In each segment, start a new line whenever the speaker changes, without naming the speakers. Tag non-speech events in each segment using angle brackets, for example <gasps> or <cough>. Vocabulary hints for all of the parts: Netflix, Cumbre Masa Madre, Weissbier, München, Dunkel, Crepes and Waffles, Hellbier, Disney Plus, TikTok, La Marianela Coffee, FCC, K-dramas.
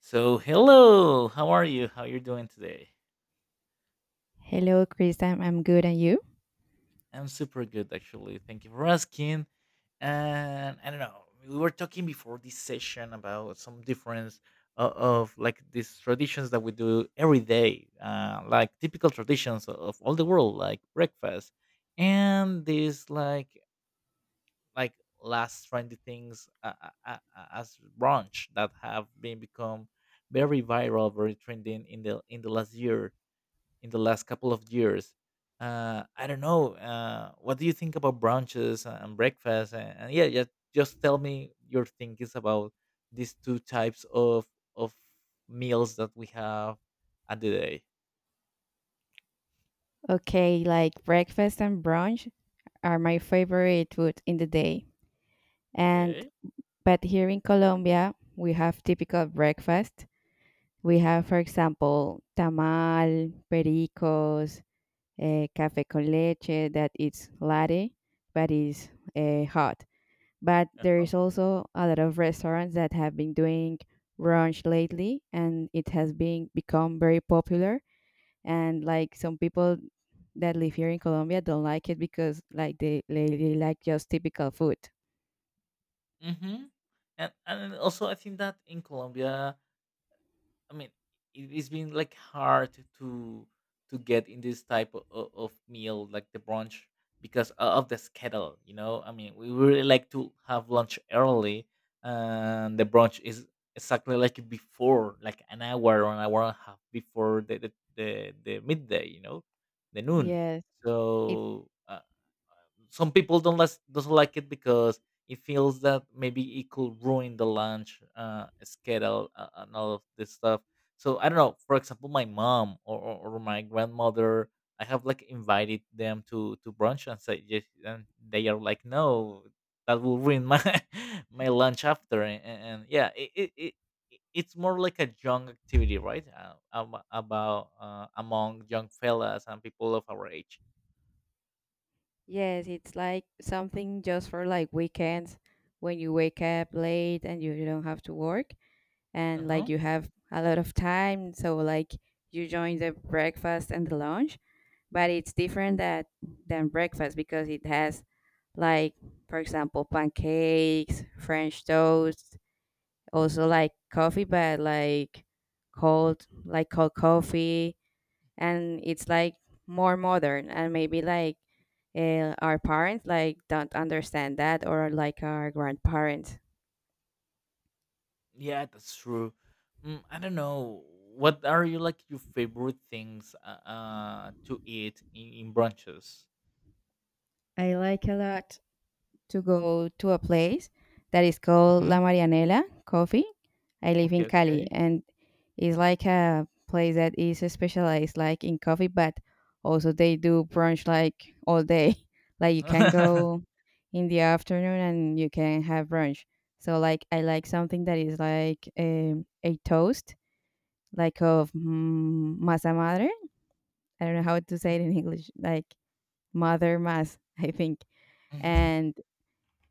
So, hello. How are you? How you're doing today?
Hello, Chris. I'm good. And you?
I'm super good actually. Thank you for asking. And I don't know. We were talking before this session about some difference of like these traditions that we do every day, like typical traditions of all the world, like breakfast, and these like last trendy things as brunch that have been become very viral, very trending in the last year in the last couple of years. I don't know. What do you think about brunches and breakfast? And yeah, just tell me your thinkings about these two types of meals that we have at the day.
Okay, like breakfast and brunch are my favorite food in the day. And
Okay.
but here in Colombia, we have typical breakfast. We have, for example, tamal, pericos, café con leche that is latte, but is hot. But there
Uh-huh.
is also a lot of restaurants that have been doing brunch lately, and it has been become very popular, and like some people that live here in Colombia don't like it because like they like just typical food.
Mm-hmm. And also, I think that in Colombia, I mean, it's been like hard to get in this type of meal, like the brunch, because of the schedule. You know, I mean, we really like to have lunch early, and the brunch is exactly like before, like an hour or an hour and a half before the midday. You know, the noon.
Yes, it
So. Some people don't like doesn't like it because it feels that maybe it could ruin the lunch schedule, and all of this stuff. So I don't know. For example, my mom or my grandmother, I have like invited them to brunch and say, yes, and they are like, no, that will ruin my <laughs> my lunch after. And yeah, it's more like a young activity, right? About among young fellas and people of our age.
yes, it's like something just for like weekends when you wake up late and you don't have to work,
Uh
and like
huh.
you have a lot of time, so like you join the breakfast and the lunch. But it's different that than breakfast because it has, like, for example, pancakes, french toast, also like coffee, but like cold, like cold coffee. And it's like more modern, and maybe like our parents like don't understand that, or like our grandparents.
Yeah, that's true. I don't know. What are you like your favorite things to eat in brunches?
I like a lot to go to a place that is called
Hmm.
La Marianela Coffee. I live
Okay,
in Cali,
okay.
and it's like a place that is specialized like in coffee, but also they do brunch like all day. <laughs> Like you can
<laughs>
go in the afternoon and you can have brunch. So like I like something that is like a toast, like of masa madre. I don't know how to say it in English, like mother mass, <laughs> I think.
Mhm.
And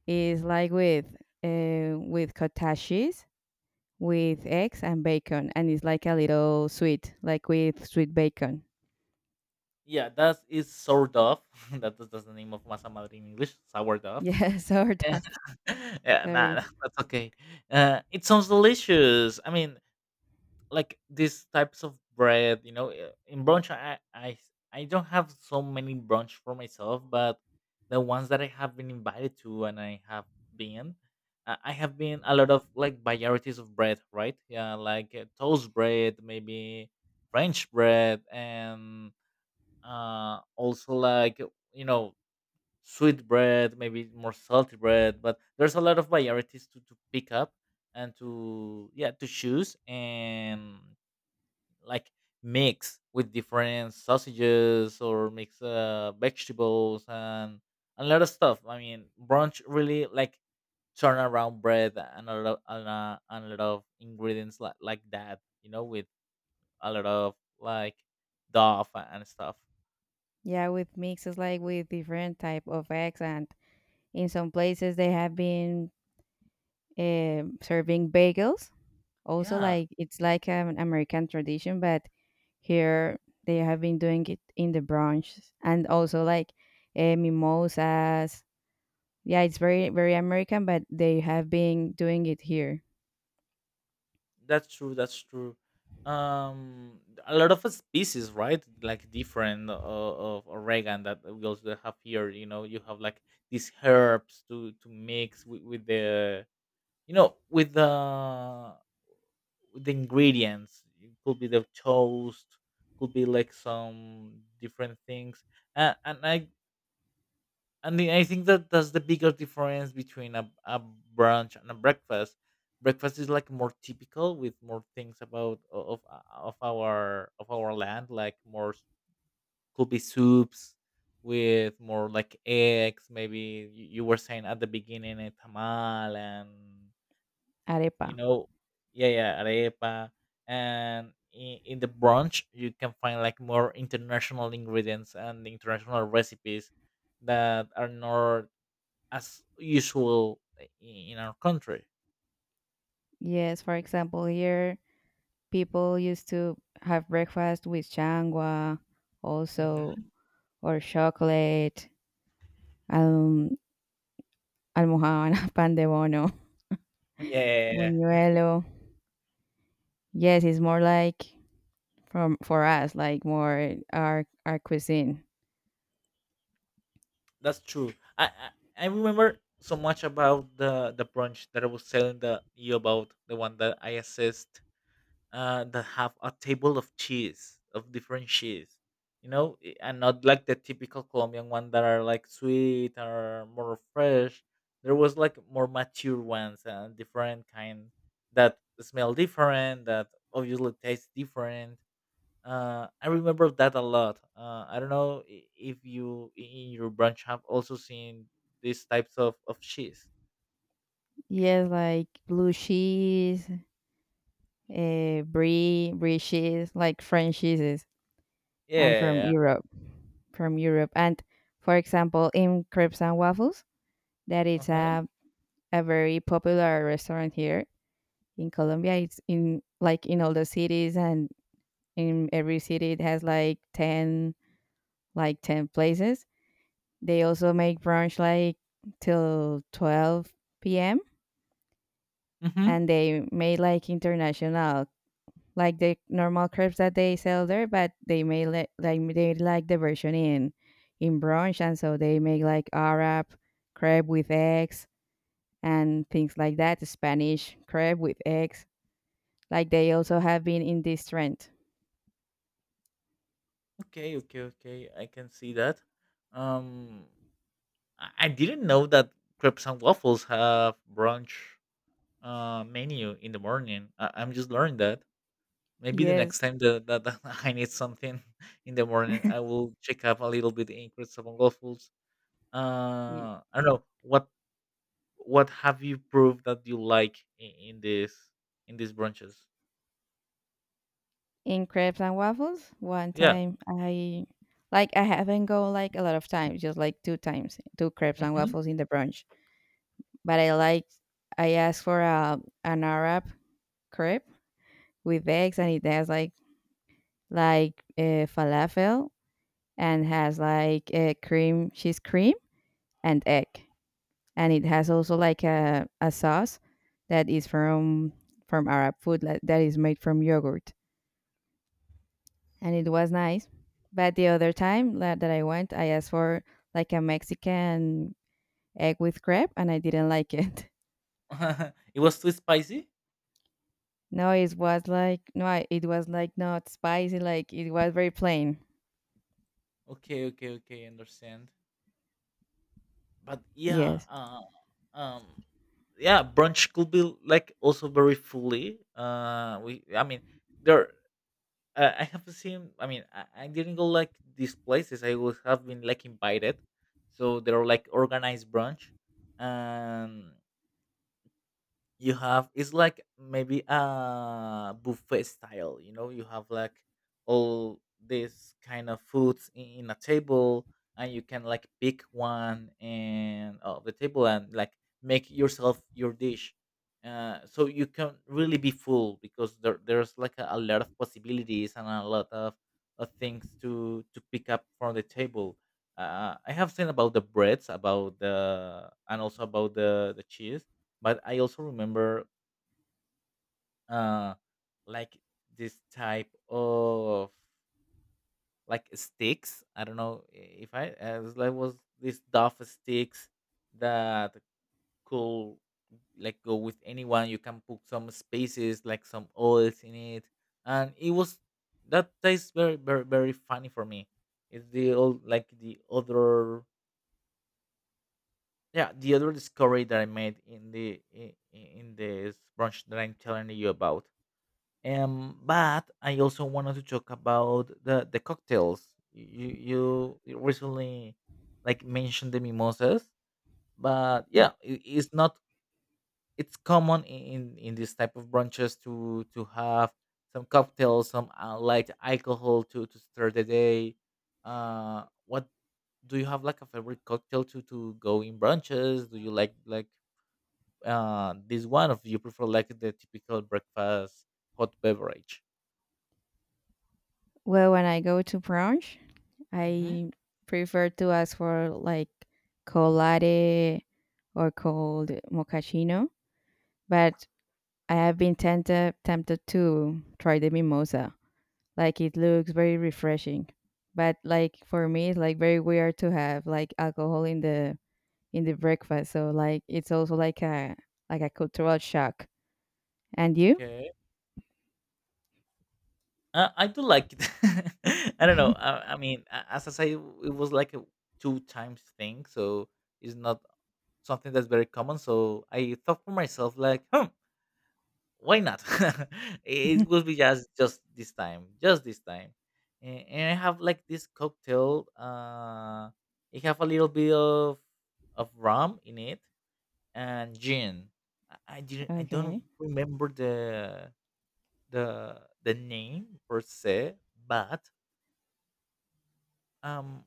it's like with cottage, with eggs and bacon, and it's like a little sweet, like with sweet bacon. <laughs>
Yeah, that is sourdough. <laughs> That's the name of masa madre in English, sourdough.
Yeah, sort of.
<laughs> Yeah, nah,
Sorry.
nah, that's okay. It sounds delicious. I mean, like these types of bread, you know, in brunch, I don't have so many brunch for myself, but the ones that I have been invited to and been I have been a lot of like varieties of bread, right? Yeah, like toast bread, maybe french bread, and also like, you know, sweet bread, maybe more salty bread, but there's a lot of varieties to pick up and to, yeah, to choose and like mix with different sausages or mix vegetables and a lot of stuff. I mean, brunch really like turn around bread and a lot of ingredients like that, you know, with a lot of like dough and stuff.
Yeah, with mixes, like with different type of eggs, and in some places they have been serving bagels. Also,
Yeah,
like it's like an American tradition, but here they have been doing it in the brunch, and also like mimosas. Yeah, it's very very American, but they have been doing it here.
that's true. That's true. Um, a lot of species, right? Like different, of oregano that we also have here. You know, you have like these herbs to mix with the you know with the ingredients. It could be the toast. Could be like some different things. And I and the, I think that that's the bigger difference between a brunch and a breakfast. Breakfast is like more typical with more things about o- of our land, like more could be soups with more like eggs. Maybe you were saying at the beginning a tamal and,
Arepa.
you know, yeah, yeah, arepa. And in the brunch, you can find like more international ingredients and international recipes that are not as usual in our country.
Yes, for example, here people used to have breakfast with changua, also,
Hmm.
or chocolate, um, almohada, <laughs> pan de bono,
Yeah, yeah,
buñuelo. Yes, it's more like from for us, like more our cuisine.
that's true. I, I I remember so much about the brunch that I was telling the you about the one that I assessed. That have a table of cheese of different cheese, you know, and not like the typical Colombian one that are like sweet or more fresh. There was like more mature ones and different kind that smell different, that obviously taste different. I remember that a lot. I don't know if you in your branch have also seen these types of cheese.
Yes, like blue cheese, brie cheese, like French cheeses. And from
Yeah.
Europe, And for example, in Crepes and Waffles, that is
Uh-huh.
a very popular restaurant here in Colombia. It's in like in all the cities, and in every city it has like 10, like 10 places. They also make brunch like till 12 p.m.,
Mm-hmm.
and they made like international, like the normal crepes that they sell there, but they may li- like they like the version in brunch, and so they make like Arab crepe with eggs and things like that, Spanish crepe with eggs. Like they also have been in this trend.
Okay. Okay. Okay. I can see that. Um, I didn't know that crepes and waffles have brunch menu in the morning. I'm just learning that. Maybe the next
Yes,
time that <laughs> I need something <laughs> in the morning, I will check up a little bit in crepes and waffles.
y-
I don't know what have you proved that you like in these branches?
in crepes and waffles. One
Yeah.
time I, like I haven't gone like a lot of times, just like two times, two crepes and
Hmm.
waffles in the brunch. But I like, I asked for a an Arab crepe with eggs, and it has like falafel, and has like a cream, cheese cream and egg, and it has also like a sauce that is from Arab food, like, that is made from yogurt, and it was nice. But the other time that, that I went, I asked for like a Mexican egg with crepe, and I didn't like it. <laughs>
<laughs> It was too spicy.
No, it was like no, I- it was like not spicy. Like it was very plain.
Okay, okay, okay. Understand. But yeah,
Yes.
um, yeah, brunch could be like also very fully. I mean, there. I have seen. I mean, I didn't go like these places. I would have been like invited, so they're like organized brunch. And. You have, it's like maybe a buffet style, you know, you have like all this kind of foods in a table, and you can like pick one and of the table and like make yourself your dish, so you can really be full because there's like a lot of possibilities and of things to pick up from the table. Uh, I have seen about the breads, about the, and also about the cheese, but I also remember, uh like, this type of like sticks. I don't know if I as like was this duff sticks that could like go with anyone. You can put some spaces like some oils in it, and it was that tastes very very very funny for me. It's the old like the other, yeah, the other discovery that I made in this brunch that I'm telling you about. But I also wanted to talk about the cocktails. You recently like mentioned the mimosas, but yeah, it, it's not it's common in this type of brunches to have some cocktails, some light alcohol to start the day. What do you have like a favorite cocktail to go in brunches? Do you like like this one, or do you prefer like the typical breakfast hot beverage?
Well, when I go to brunch, I prefer to ask for like cold latte or cold mochaccino, but I have been tempted to try the mimosa. Like it looks very refreshing, but like for me, it's like very weird to have like alcohol in the breakfast. So like it's also like a cultural shock. And you?
Okay. I do like it. <laughs> I don't know. I mean, as I say, it was like a two times thing, so it's not something that's very common. So I thought for myself, like, why not? <laughs> It would
<laughs>
be just this time, just this time. And I have like this cocktail. It have a little bit of rum in it and gin. I didn't. I don't
Okay.
remember the name per se, but um,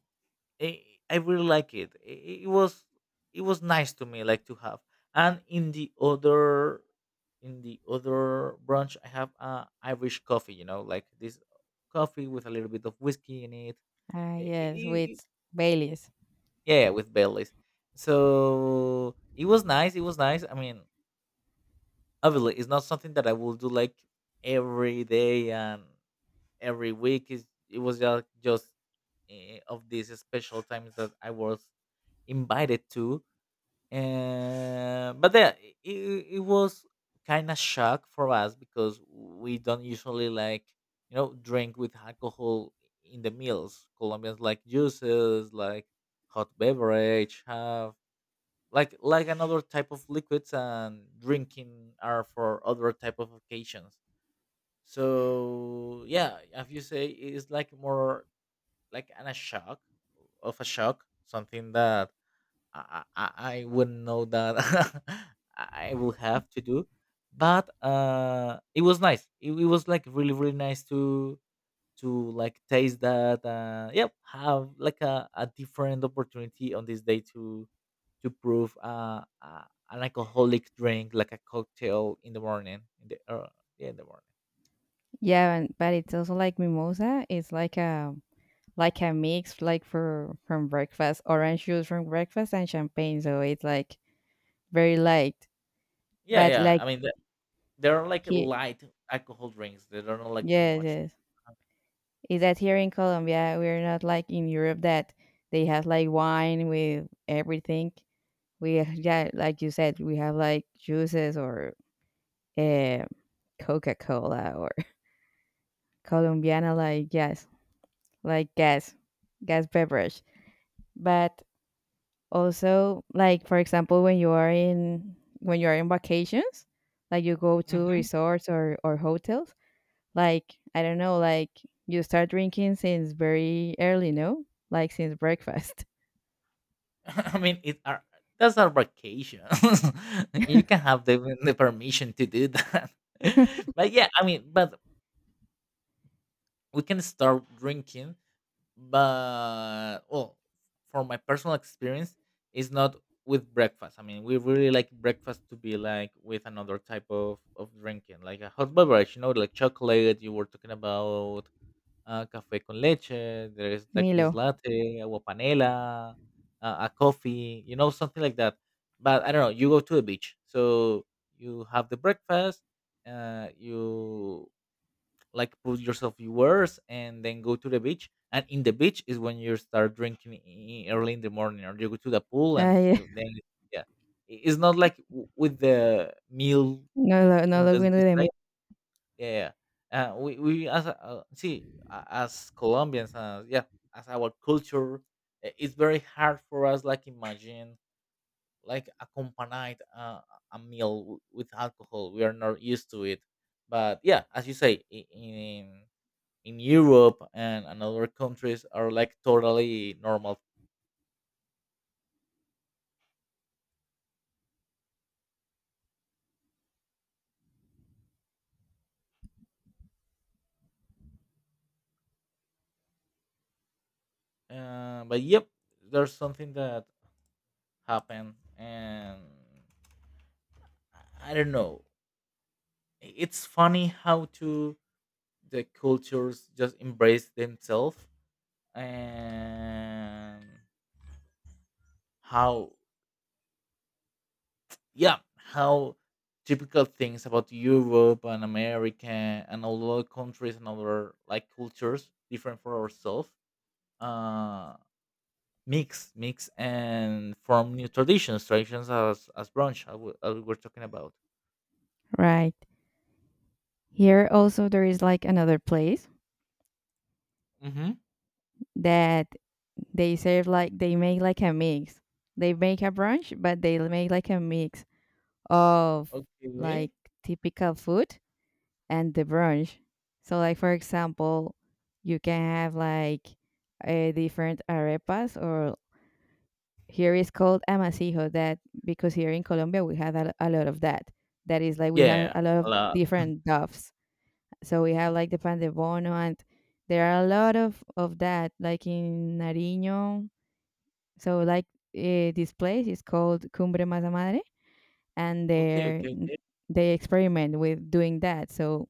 I, I really like it. It was nice to me, like to have. And in the other branch, I have Irish coffee. You know, like this coffee with a little bit of whiskey in it.
Ah
I-
yes,
I- I-
with Baileys.
yeah, yeah, with Baileys. So it was nice. It was nice. I mean, obviously, it's not something that I will do like every day and every week, is it was just of these special times that I was invited to. But then it was kind of shock for us because we don't usually like, drink with alcohol in the meals. Colombians like juices, like hot beverage, have like another type of liquids, and drinking are for other type of occasions. So yeah, as you say, it's like more like a shock, something that I wouldn't know that <laughs> I will have to do. But it was nice. It was like really really nice to like taste that. Yep, have like a different opportunity on this day to prove an alcoholic drink like a cocktail in the morning. In the Yeah, in the morning.
Yeah, and, but it's also like mimosa. It's like a mix, like for from breakfast, orange juice from breakfast and champagne. So it's like very light.
Yeah,
But
yeah.
like
I mean, there are like
he
light alcohol drinks that are not like too
yes,
much.
yes. Is that here in Colombia we're not like in Europe, that they have like wine with everything. We, yeah, like you said, we have like juices or uh, Coca Cola, or <laughs> Colombiana, like yes, like gas, gas beverage. But also, like for example, when you are in vacations, like you go to
Hmm.
resorts or hotels, like I don't know, like you start drinking since very early, no? Like since breakfast.
<laughs> I mean, it are that's our vacation. <laughs> You can have the permission to do that. <laughs> But yeah, I mean, but we can start drinking. But well, for my personal experience, it's not with breakfast. I mean, we really like breakfast to be like with another type of drinking, like a hot beverage. You know, like chocolate you were talking about, café con leche. There is like
<laughs>
this
Milo.
latte, agua panela, a coffee, you know, something like that. But I don't know. You go to the beach, so you have the breakfast. You like put yours and then go to the beach. And in the beach is when you start drinking early in the morning, or you go to the pool and
I
then yeah, it's not like with the meal
<laughs> no
I-
lo- no
in
lo
the
bueno de mí.
yeah, yeah. We as a- see a- as Colombians, yeah, as our culture, it's very hard for us. Like imagine like accompanied a meal with alcohol. We are not used to it. But yeah, as you say, in Europe and, other countries are like totally normal. But yep, there's something that happened, and I don't know. It's funny how to the cultures just embrace themselves, and how, yeah, how typical things about Europe and America and all other countries and other like cultures different for ourselves, uh mix and form new traditions, as brunch, as we, were talking about.
Right. Here also there is like another place
Mm-hmm.
that they serve, like they make like a mix. They make a brunch, but they make like a mix of like
Okay.
typical food and the brunch. So, like for example, you can have like a different arepas, or here is called amasijo. That because here in Colombia we have a lot of that. That is like we have
Yeah,
a lot
a
of
lot.
different doves. So we have like the pan de bono, and there are a lot of that, like in Nariño. So like this place is called Cumbre Masa Madre, and
Okay,
they
okay, okay.
they experiment with doing that. So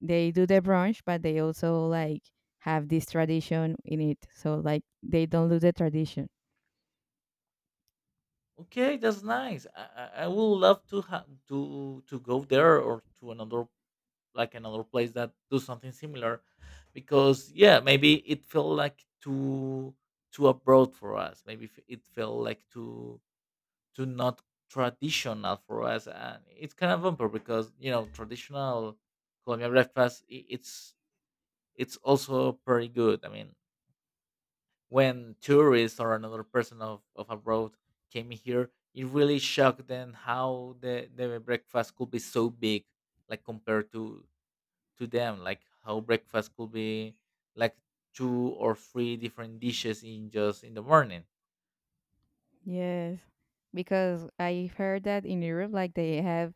they do the brunch, but they also like have this tradition in it. So like they don't lose the tradition.
Okay, that's nice. I would love to to go there or to another like another place that do something similar, because yeah, maybe it felt like too too abroad for us. Maybe it felt like too too not traditional for us, and it's kind of bumper because you know traditional Colombian breakfast it's also pretty good. I mean, when tourists or another person of abroad came here, it really shocked them how the breakfast could be so big, like compared to them, like how breakfast could be like two or three different dishes in just in the morning.
Yes. Because I heard that in Europe like they have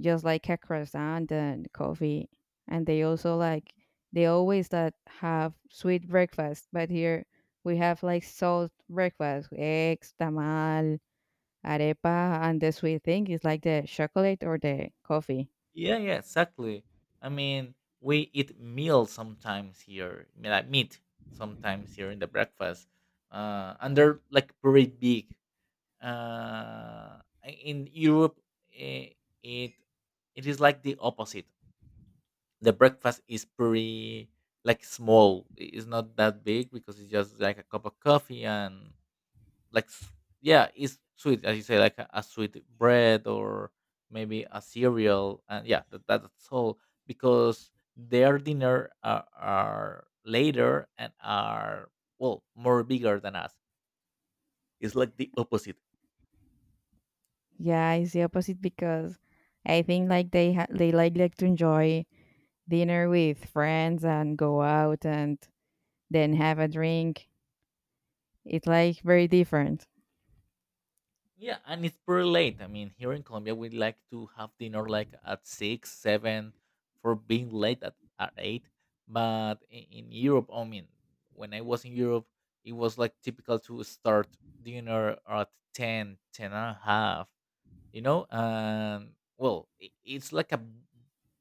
just like a croissant and coffee. And they also like they always that have sweet breakfast, but here we have like salt breakfast, eggs, tamal, arepa, and the sweet thing is like the chocolate or the coffee.
Yeah, yeah, exactly. I mean, we eat meal sometimes here, like meat sometimes here in the breakfast, and they're like pretty big. Uh, in Europe, eh, it it is like the opposite. The breakfast is pretty like small. It's not that big because it's just like a cup of coffee and like s- yeah, it's sweet as you say, like a sweet bread or maybe a cereal. And yeah, that, that's all because their dinner are later and are well more bigger than us. It's like the opposite.
Yeah, it's the opposite because I think like they ha- they like to enjoy dinner with friends and go out and then have a drink. It's like very different.
Yeah, and it's pretty late. I mean, here in Colombia, we like to have dinner like at six, seven, for being late at eight. But in Europe, I mean, when I was in Europe, it was like typical to start dinner at 10, 10 and a half, you know. Well, it's like a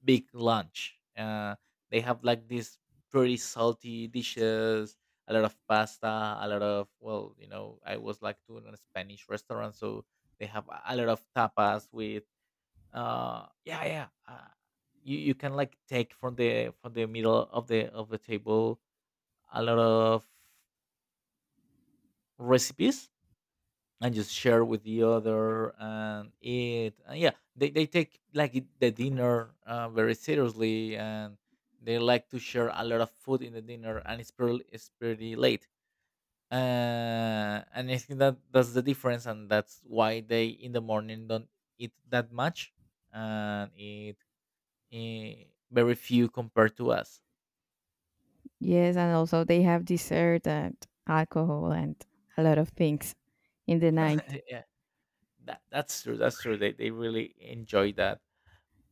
big lunch. They have like these pretty salty dishes, a lot of pasta, a lot of, well, you know, I was like to a Spanish restaurant, so they have a lot of tapas with, uh, yeah, yeah, you can like take from the middle of the table a lot of recipes and just share with the other and eat. And yeah, they take like the dinner, very seriously, and they like to share a lot of food in the dinner, and it's pretty late. And I think that that's the difference, and that's why they in the morning don't eat that much and eat, eh, very few compared to us.
Yes, and also they have dessert and alcohol and a lot of things in the night.
<laughs> yeah, that, that's true. That's true. They really enjoy that,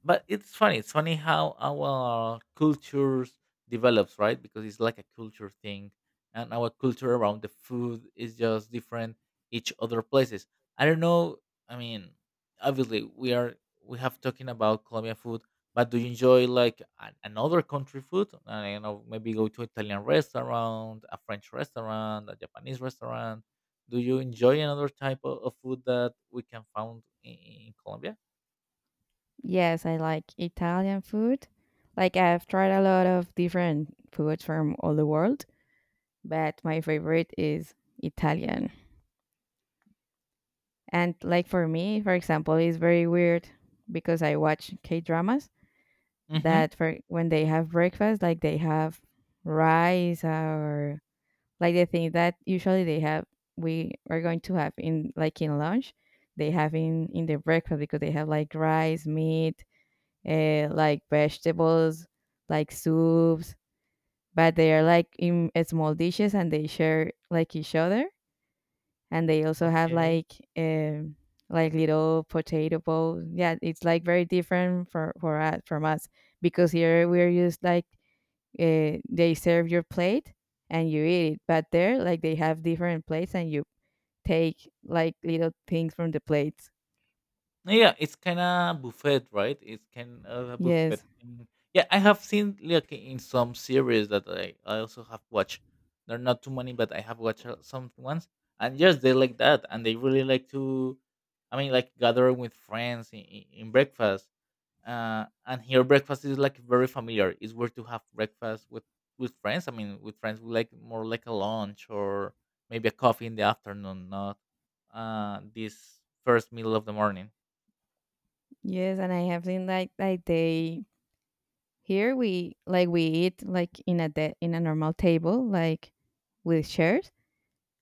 but it's funny, it's funny how our cultures develops, right, because it's like a culture thing, and our culture around the food is just different each other places. I don't know. I mean, obviously we are, we have talking about Colombian food, but do you enjoy like an, another country food? I, you know, maybe go to Italian restaurant, a French restaurant, a Japanese restaurant. Do you enjoy another type of food that we can found in Colombia?
Yes, I like Italian food. Like I've tried a lot of different foods from all the world, but my favorite is Italian. And like for me, for example, it's very weird because I watch K-dramas,
Mm-hmm.
that for when they have breakfast, like they have rice, or like the thing that usually they have, we are going to have in like in lunch, they have in their breakfast, because they have like rice, meat, like vegetables, like soups, but they are like in small dishes and they share like each other, and they also have
Okay.
like little potato bowls. Yeah, it's like very different for us, from us, because here we're used like they serve your plate and you eat it. But there, like they have different plates and you take like little things from the plates.
No. Yeah, it's kind of buffet, right? It's kind of a
Yes,
buffet thing. Yeah, I have seen like in some series that I also have watched. There are not too many, but I have watched, some ones. And yes, they like that, and they really like to. I mean, like gathering with friends in breakfast. And here breakfast is like very familiar. It's where to have breakfast with friends. I mean, with friends, we like more like a lunch or maybe a coffee in the afternoon, not, this first meal of the morning.
yes, and I have seen like they, here we like we eat like in a de- in a normal table like with chairs,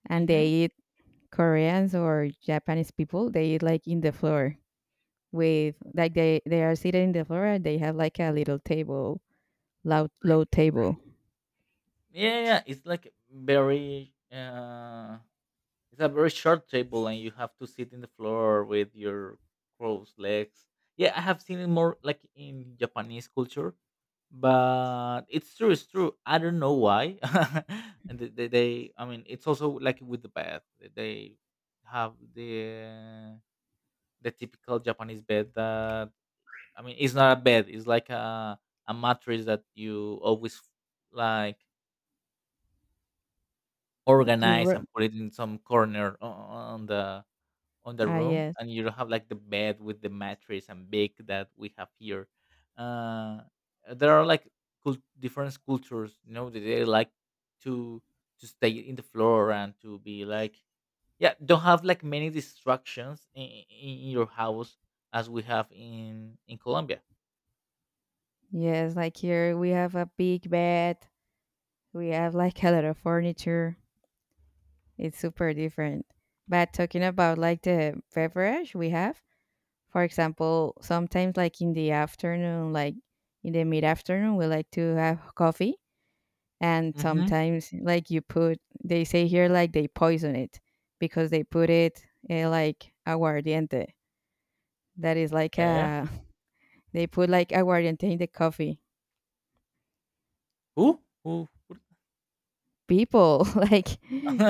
and they
Mm-hmm.
eat, Koreans or Japanese people. They eat like in the floor, with like they are seated in the floor, and they have like a little table, low low table.
Yeah, yeah, yeah. It's like very. It's a very short table, and you have to sit in the floor with your crossed legs. Yeah, I have seen it more like in Japanese culture, but it's true. It's true. I don't know why. <laughs> and I mean, it's also like with the bed. They have the typical Japanese bed that, I mean, it's not a bed. It's like a mattress that you always like
Do you
organize
re-
and put it in some corner o on the
ah
room,
yes.
and you don't have, like, the bed with the mattress and big that we have here. Uh, there are, like, cul different cultures, you know, that they like to to stay in the floor and to be, like, yeah, don't have, like, many distractions in your house as we have in Colombia.
Yes, like here we have a big bed. We have like a lot of furniture. It's super different. But talking about like the beverage we have, for example, sometimes like in the afternoon, like in the mid afternoon, we like to have coffee. And
Mhm.
sometimes like you put, they say here like they poison it, because they put it like aguardiente. That is like
Yeah, yeah.
a, <laughs> they put like aguardiente in the coffee
Who? Who?
people. <laughs> Like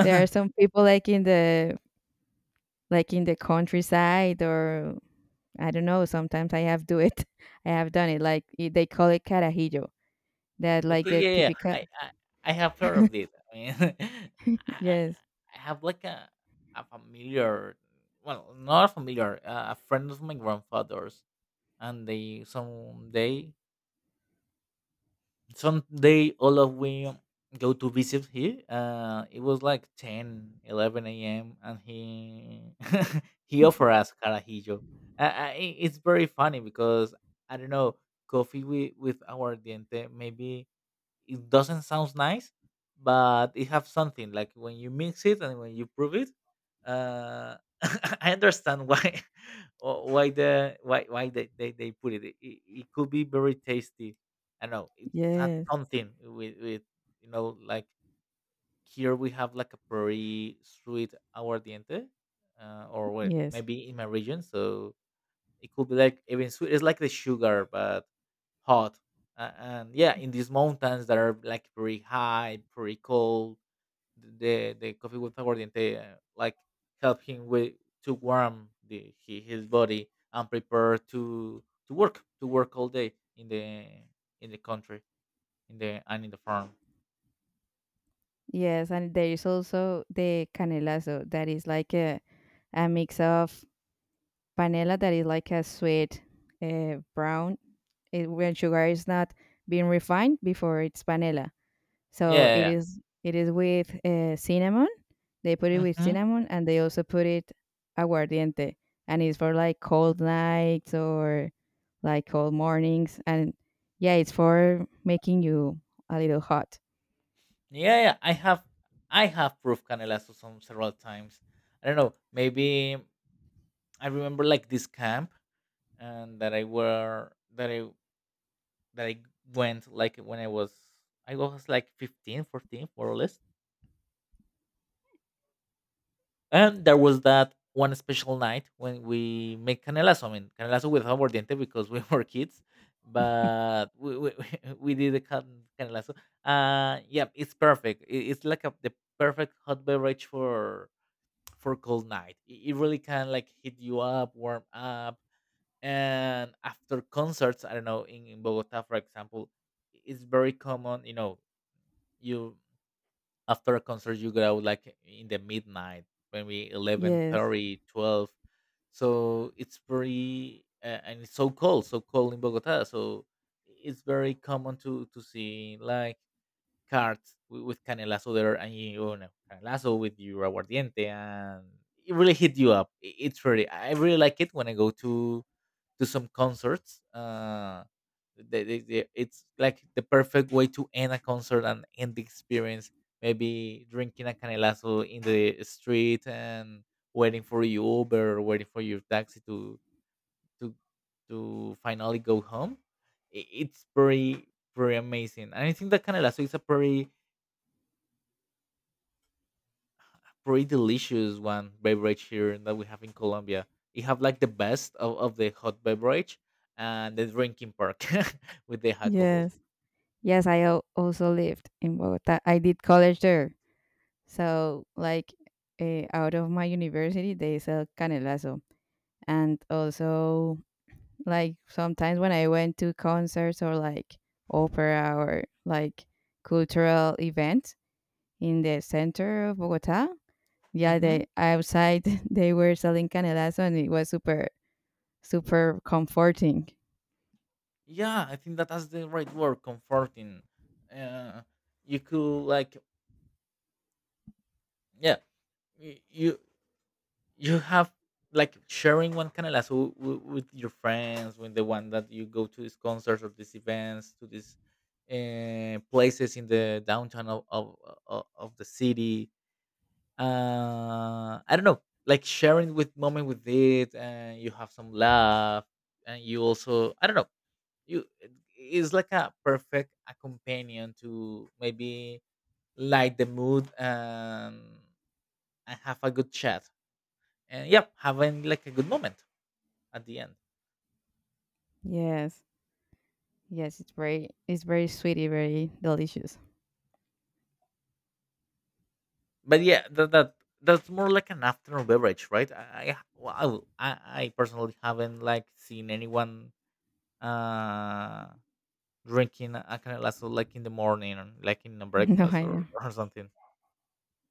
there are some people like in the countryside, or I don't know, sometimes I have do it. <laughs> I have done it. Like I- they call it carajillo. That like
Okay,
the
yeah, yeah.
typical.
I have heard of this. I mean, <laughs> I,
<laughs> Yes,
I have like a familiar, well, not familiar, a friend of my grandfather's, and they someday, someday all of we go to visit here. It was like 10, 11 a.m. and he <laughs> he offered us carajillo. It's very funny because I don't know, coffee with our diente, maybe it doesn't sound nice, but it have something like when you mix it and when you prove it. Uh, <laughs> I understand why <laughs> wh- why the why they, they put it. It. It could be very tasty. I know it's had
yes,
something with, you know, like here we have like a very sweet aguardiente, or well,
yes.
maybe in my region. So it could be like even sweet. It's like the sugar, but hot. And yeah, in these mountains that are like pretty high, pretty cold, the coffee with aguardiente, like help him with to warm his body and prepare to work, all day in the country, in the farm.
Yes, and there is also the canelazo, that is like a mix of panela, that is like a sweet brown, it, when sugar is not being refined, before it's panela. So it
Yeah,
is, it is with cinnamon. They put it
yeah,
with
hmm,
cinnamon, and they also put it aguardiente, and it's for like cold nights or like cold mornings. And yeah, it's for making you a little hot.
yeah, yeah. I have proved canelazo some several times. I don't know. Maybe I remember like this camp and that I were that I went like when I was, I was like 15 14 more or less. And there was that one special night when we made canelazo. I mean canelazo with aguardiente because we <laughs> were kids,
<laughs>
but <laughs> we did the canelazo. Yeah, it's perfect. It's like a, the perfect hot beverage for cold night. It really can like hit you up, warm up, and after concerts, I don't know, in Bogota, for example, it's very common, you know, you, after a concert you go out like in the midnight, maybe 11
Yes.
thirty, 12, so it's very, and it's so cold, so cold in Bogota, so it's very common to see like cards with canelazo there, and you know, canelazo with your aguardiente, and it really hit you up. It's really, I really like it when I go to some concerts. They, it's like the perfect way to end a concert and end the experience. Maybe drinking a canelazo in the street and waiting for your Uber or waiting for your taxi to to finally go home. It's pretty pretty amazing, and I think that canelazo is a pretty pretty delicious one beverage here that we have in Colombia. You have like the best of the hot beverage and the drinking part <laughs> with the alcohol.
Yes. Yes, I al- also lived in Bogota. I did college there. So, like, out of my university, they sell canelazo. And also, like, sometimes when I went to concerts, or like opera, or like cultural events in the center of Bogota, yeah,
Mm-hmm.
they outside <laughs> they were selling canelazo, and it was super super comforting.
Yeah, I think that that's the right word, comforting. Uh, you could like, yeah, y- you you have like sharing one canela so with your friends, with the one that you go to these concerts or these events, to these, places in the downtown of, of the city. I don't know, like sharing with moment with it, and you have some laugh, and you also, I don't know, you it is like a perfect a companion to maybe light the mood and have a good chat, and yeah, having like a good moment at the end.
Yes, yes, it's very sweety, very delicious. <laughs>
But yeah, that, that that's more like an afternoon beverage, right? Well, I personally haven't like seen anyone, uh, drinking a canelazo like in the morning or like in a
No,
breakfast
I know.
or something.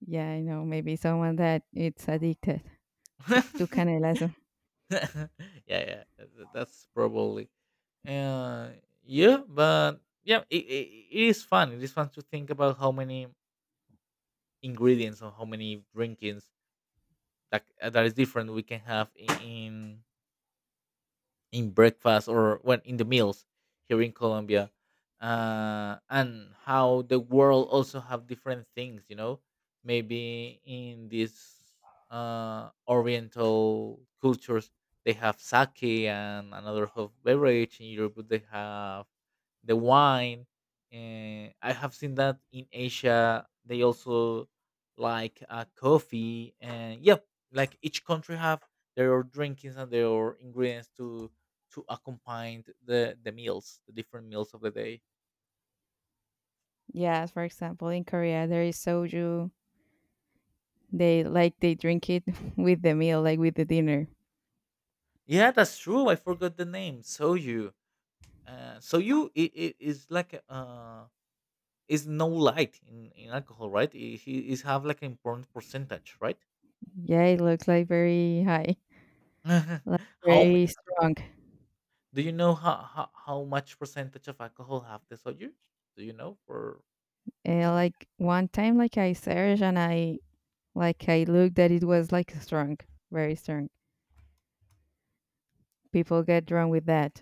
Yeah, I know. Maybe someone that it's addicted to
<laughs>
canelazo.
<laughs> yeah, yeah, that's probably, uh, yeah, but yeah, it is fun. It is fun to think about how many ingredients or how many drinkings that that is different we can have in breakfast or when in the meals here in Colombia, and how the world also have different things. You know, maybe in these Oriental cultures they have sake and another hot beverage. In Europe they have the wine. I have seen that in Asia they also like coffee and yep, like each country have their drinkings and their ingredients to accompany the meals, the different meals of the day.
Yes, for example, in Korea there is soju. They like they drink it <laughs> with the meal, like with the dinner.
Yeah, that's true. I forgot the name. Soju. Soju it is like a, is no light in alcohol, right? It is have like an important percentage, right?
Yeah, it looks like very high,
<laughs>
like
how m-
very strong.
do you know how much percentage of alcohol have the soju? Do you know
And like one time, like I searched and I, like I looked that it was like strong, very strong. People get drunk with that.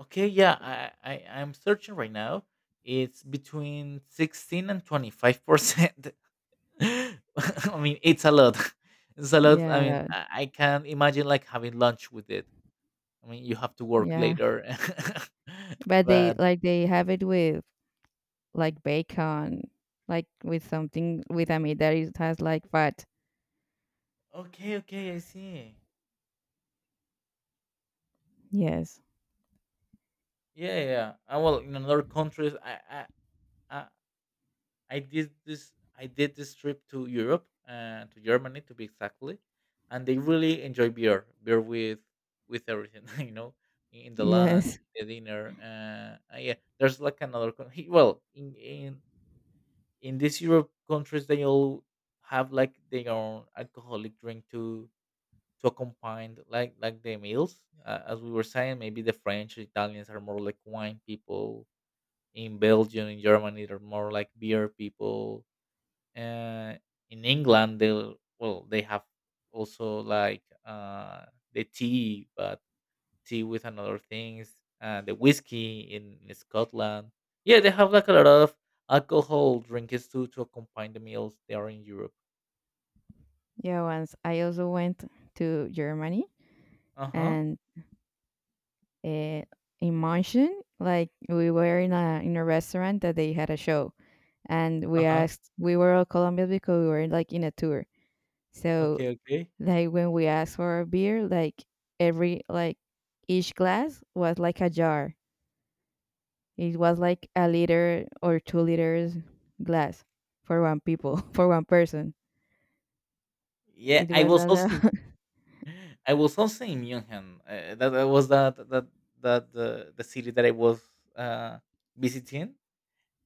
Okay, yeah, I'm searching right now. It's between 16 and 25%. <laughs> I mean, it's a lot. <laughs> It's a lot. I
Yeah,
mean,
that,
I can't imagine like having lunch with it. I mean, you have to work
yeah.
later. <laughs>
But they
but
like they have it with like bacon, like with something with a meat that is, has like fat.
okay, okay, I see.
Yes,
Yeah, yeah. Well, in another countries, I, I did this. I did this trip to Europe, to Germany to be exactly, and they really enjoy beer with everything. <laughs> You know, in the lunch,
yes. <laughs>
the dinner. Yeah, there's like another. Well, in these Europe countries they all have like their own alcoholic drink to accompany like the meals. As we were saying, maybe the French, Italians are more like wine people. In Belgium, in Germany, they're more like beer people. Uh, in England, they will well they have also like the tea, but tea with another things, the whiskey in Scotland. Yeah, they have like a lot of alcohol drinks too to accompany the meals they are in Europe.
Yeah, once I also went to Germany,
Uh huh.
and in München, like we were in a restaurant that they had a show, and we
Uh huh.
asked, we were all Colombians because we were like in a tour, so
Okay. Okay.
like when we asked for a beer, like every like each glass was like a jar. It was like a liter or 2 liters glass for one people <laughs> for one person.
Yeah,
It
I
was
was
a
also in,
lot.
<gasps> <laughs> I was also in München. That, that was that that that the city that I was uh, visiting.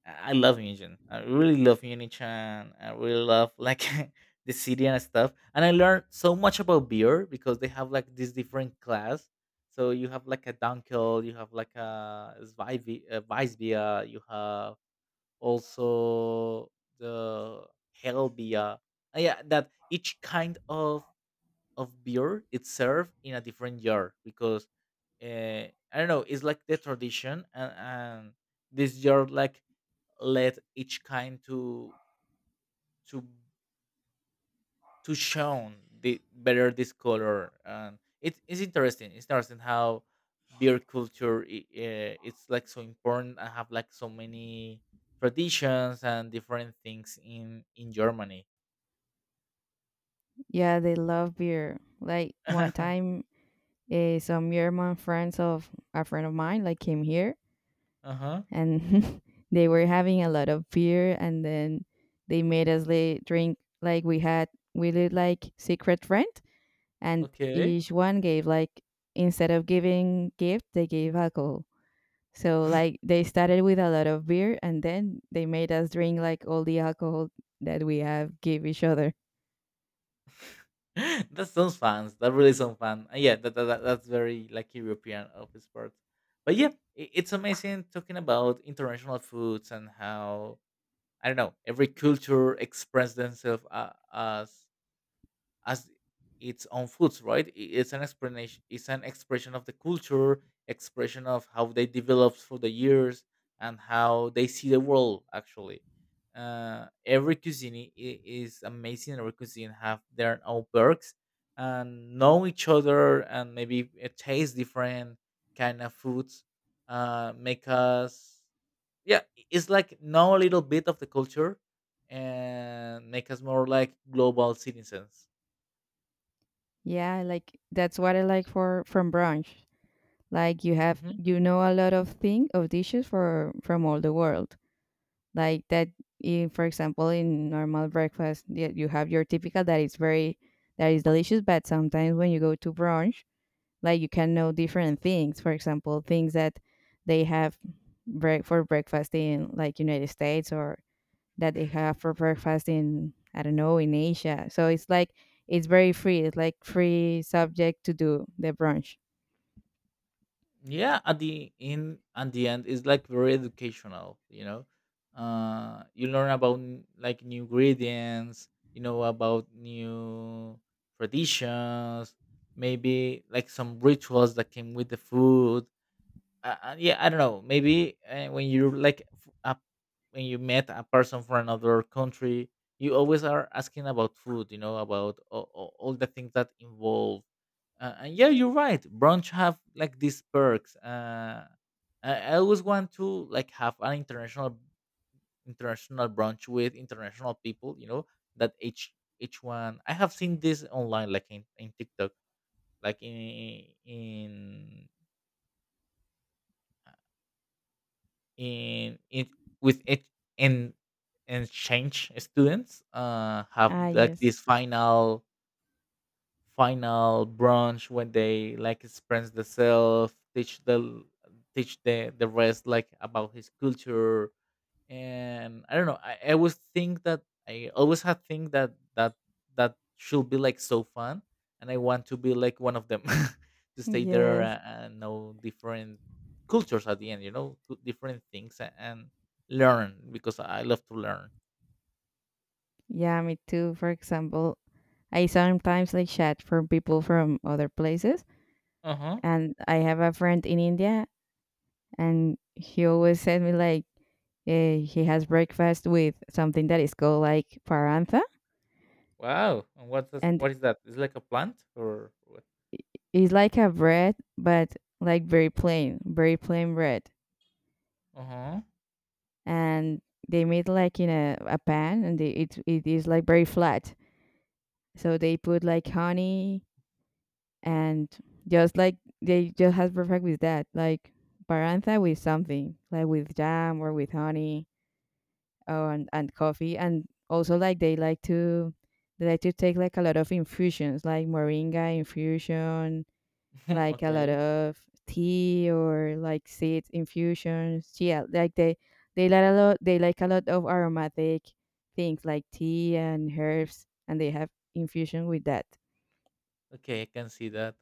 I love Yunjin. I really love Unichan. I really love like <laughs> the city and stuff. And I learned so much about beer because they have like this different class. So you have like a Dunkel, you have like a Weissbier, you have also the Hellbier. Yeah, that each kind of beer it's served in a different jar because I don't know. It's like the tradition and this jar like let each kind to to shown the better this color. And it's interesting how beer culture it's like so important. I have like so many traditions and different things in Germany.
<laughs> Yeah, they love beer. Like one
<laughs>
time, some German friends of a friend of mine like came here,
Uh-huh.
and <laughs> they were having a lot of beer, and then they made us like, drink, like we had, we did like secret friend, and
Okay.
each one gave like, instead of giving gift they gave alcohol. So
<laughs>
like they started with a lot of beer, and then they made us drink like all the alcohol that we have give each other.
That sounds fun. That really sounds fun. Yeah, that's very like European of its part. But yeah, it's amazing talking about international foods and how I don't know, every culture express themselves as its own foods, right? It's an explanation. It's an expression of the culture, expression of how they developed for the years and how they see the world. Actually, every cuisine is amazing. Every cuisine have their own perks and know each other and maybe taste different kind of foods. Make us yeah, it's like know a little bit of the culture and make us more like global citizens.
Yeah, like that's what I like for from brunch. Like you have,
Hmm.
you know, a lot of thing of dishes for from all the world, like that. In, for example, in normal breakfast, yeah, you have your typical that is very, that is delicious, but sometimes when you go to brunch, like you can know different things. For example, things that they have break for breakfast in like United States, or that they have for breakfast in, I don't know, in Asia. So it's like, it's very free, it's like free subject to do the brunch.
Yeah, at the in at the end it's like very educational, you know. Uh, you learn about like new ingredients, you know, about new traditions, maybe like some rituals that came with the food. Yeah, I don't know. Maybe when you like a, when you met a person from another country, you always are asking about food. You know about all, all the things that involve. And yeah, you're right. Brunch have like these perks. I always want to like have an international brunch with international people. You know that each one. I have seen this online, like in TikTok, like in it and and change students have
Ah
like
yes.
this final final branch when they like express themselves, teach the teach the rest like about his culture. And I don't know. I always think that I always had think that that should be like so fun, and I want to be like one of them. <laughs> To
<laughs>
stay there
Yes.
and know different cultures at the end. You know, different things and learn because I love to learn.
Yeah, me too. For example, I sometimes like chat from people from other places,
Uh huh.
and I have a friend in India, and he always sent me like he has breakfast with something that is called like parantha,
Wow. And what is
and
that? Is it like a plant or what?
it's like a bread, but like very plain bread,
Uh huh.
and they made like in a pan, and they, it is like very flat. So they put like honey, and just like they just has perfect with that, like parantha with something, like with jam or with honey. Oh, and coffee, and also like they like to take like a lot of infusions, like moringa infusion,
<laughs>
like a lot
Okay.
of tea, or like seeds infusions. Yeah, like they like a lot, they like a lot of aromatic things, like tea and herbs, and they have infusion with that.
Okay, I can see that.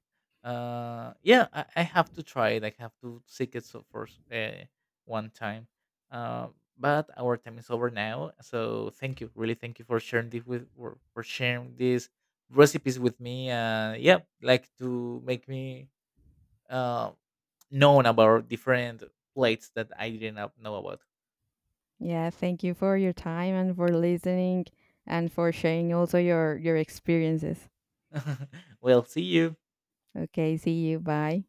Yeah, I have to try it. I have to seek it so first one time. Uh, but our time is over now. So thank you, really, thank you for sharing this with for sharing these recipes with me. Yeah, like to make me uh known about different plates that I didn't know about.
Yeah, thank you for your time, and for listening, and for sharing also your experiences.
<laughs> Well, see you.
Okay, see you, bye.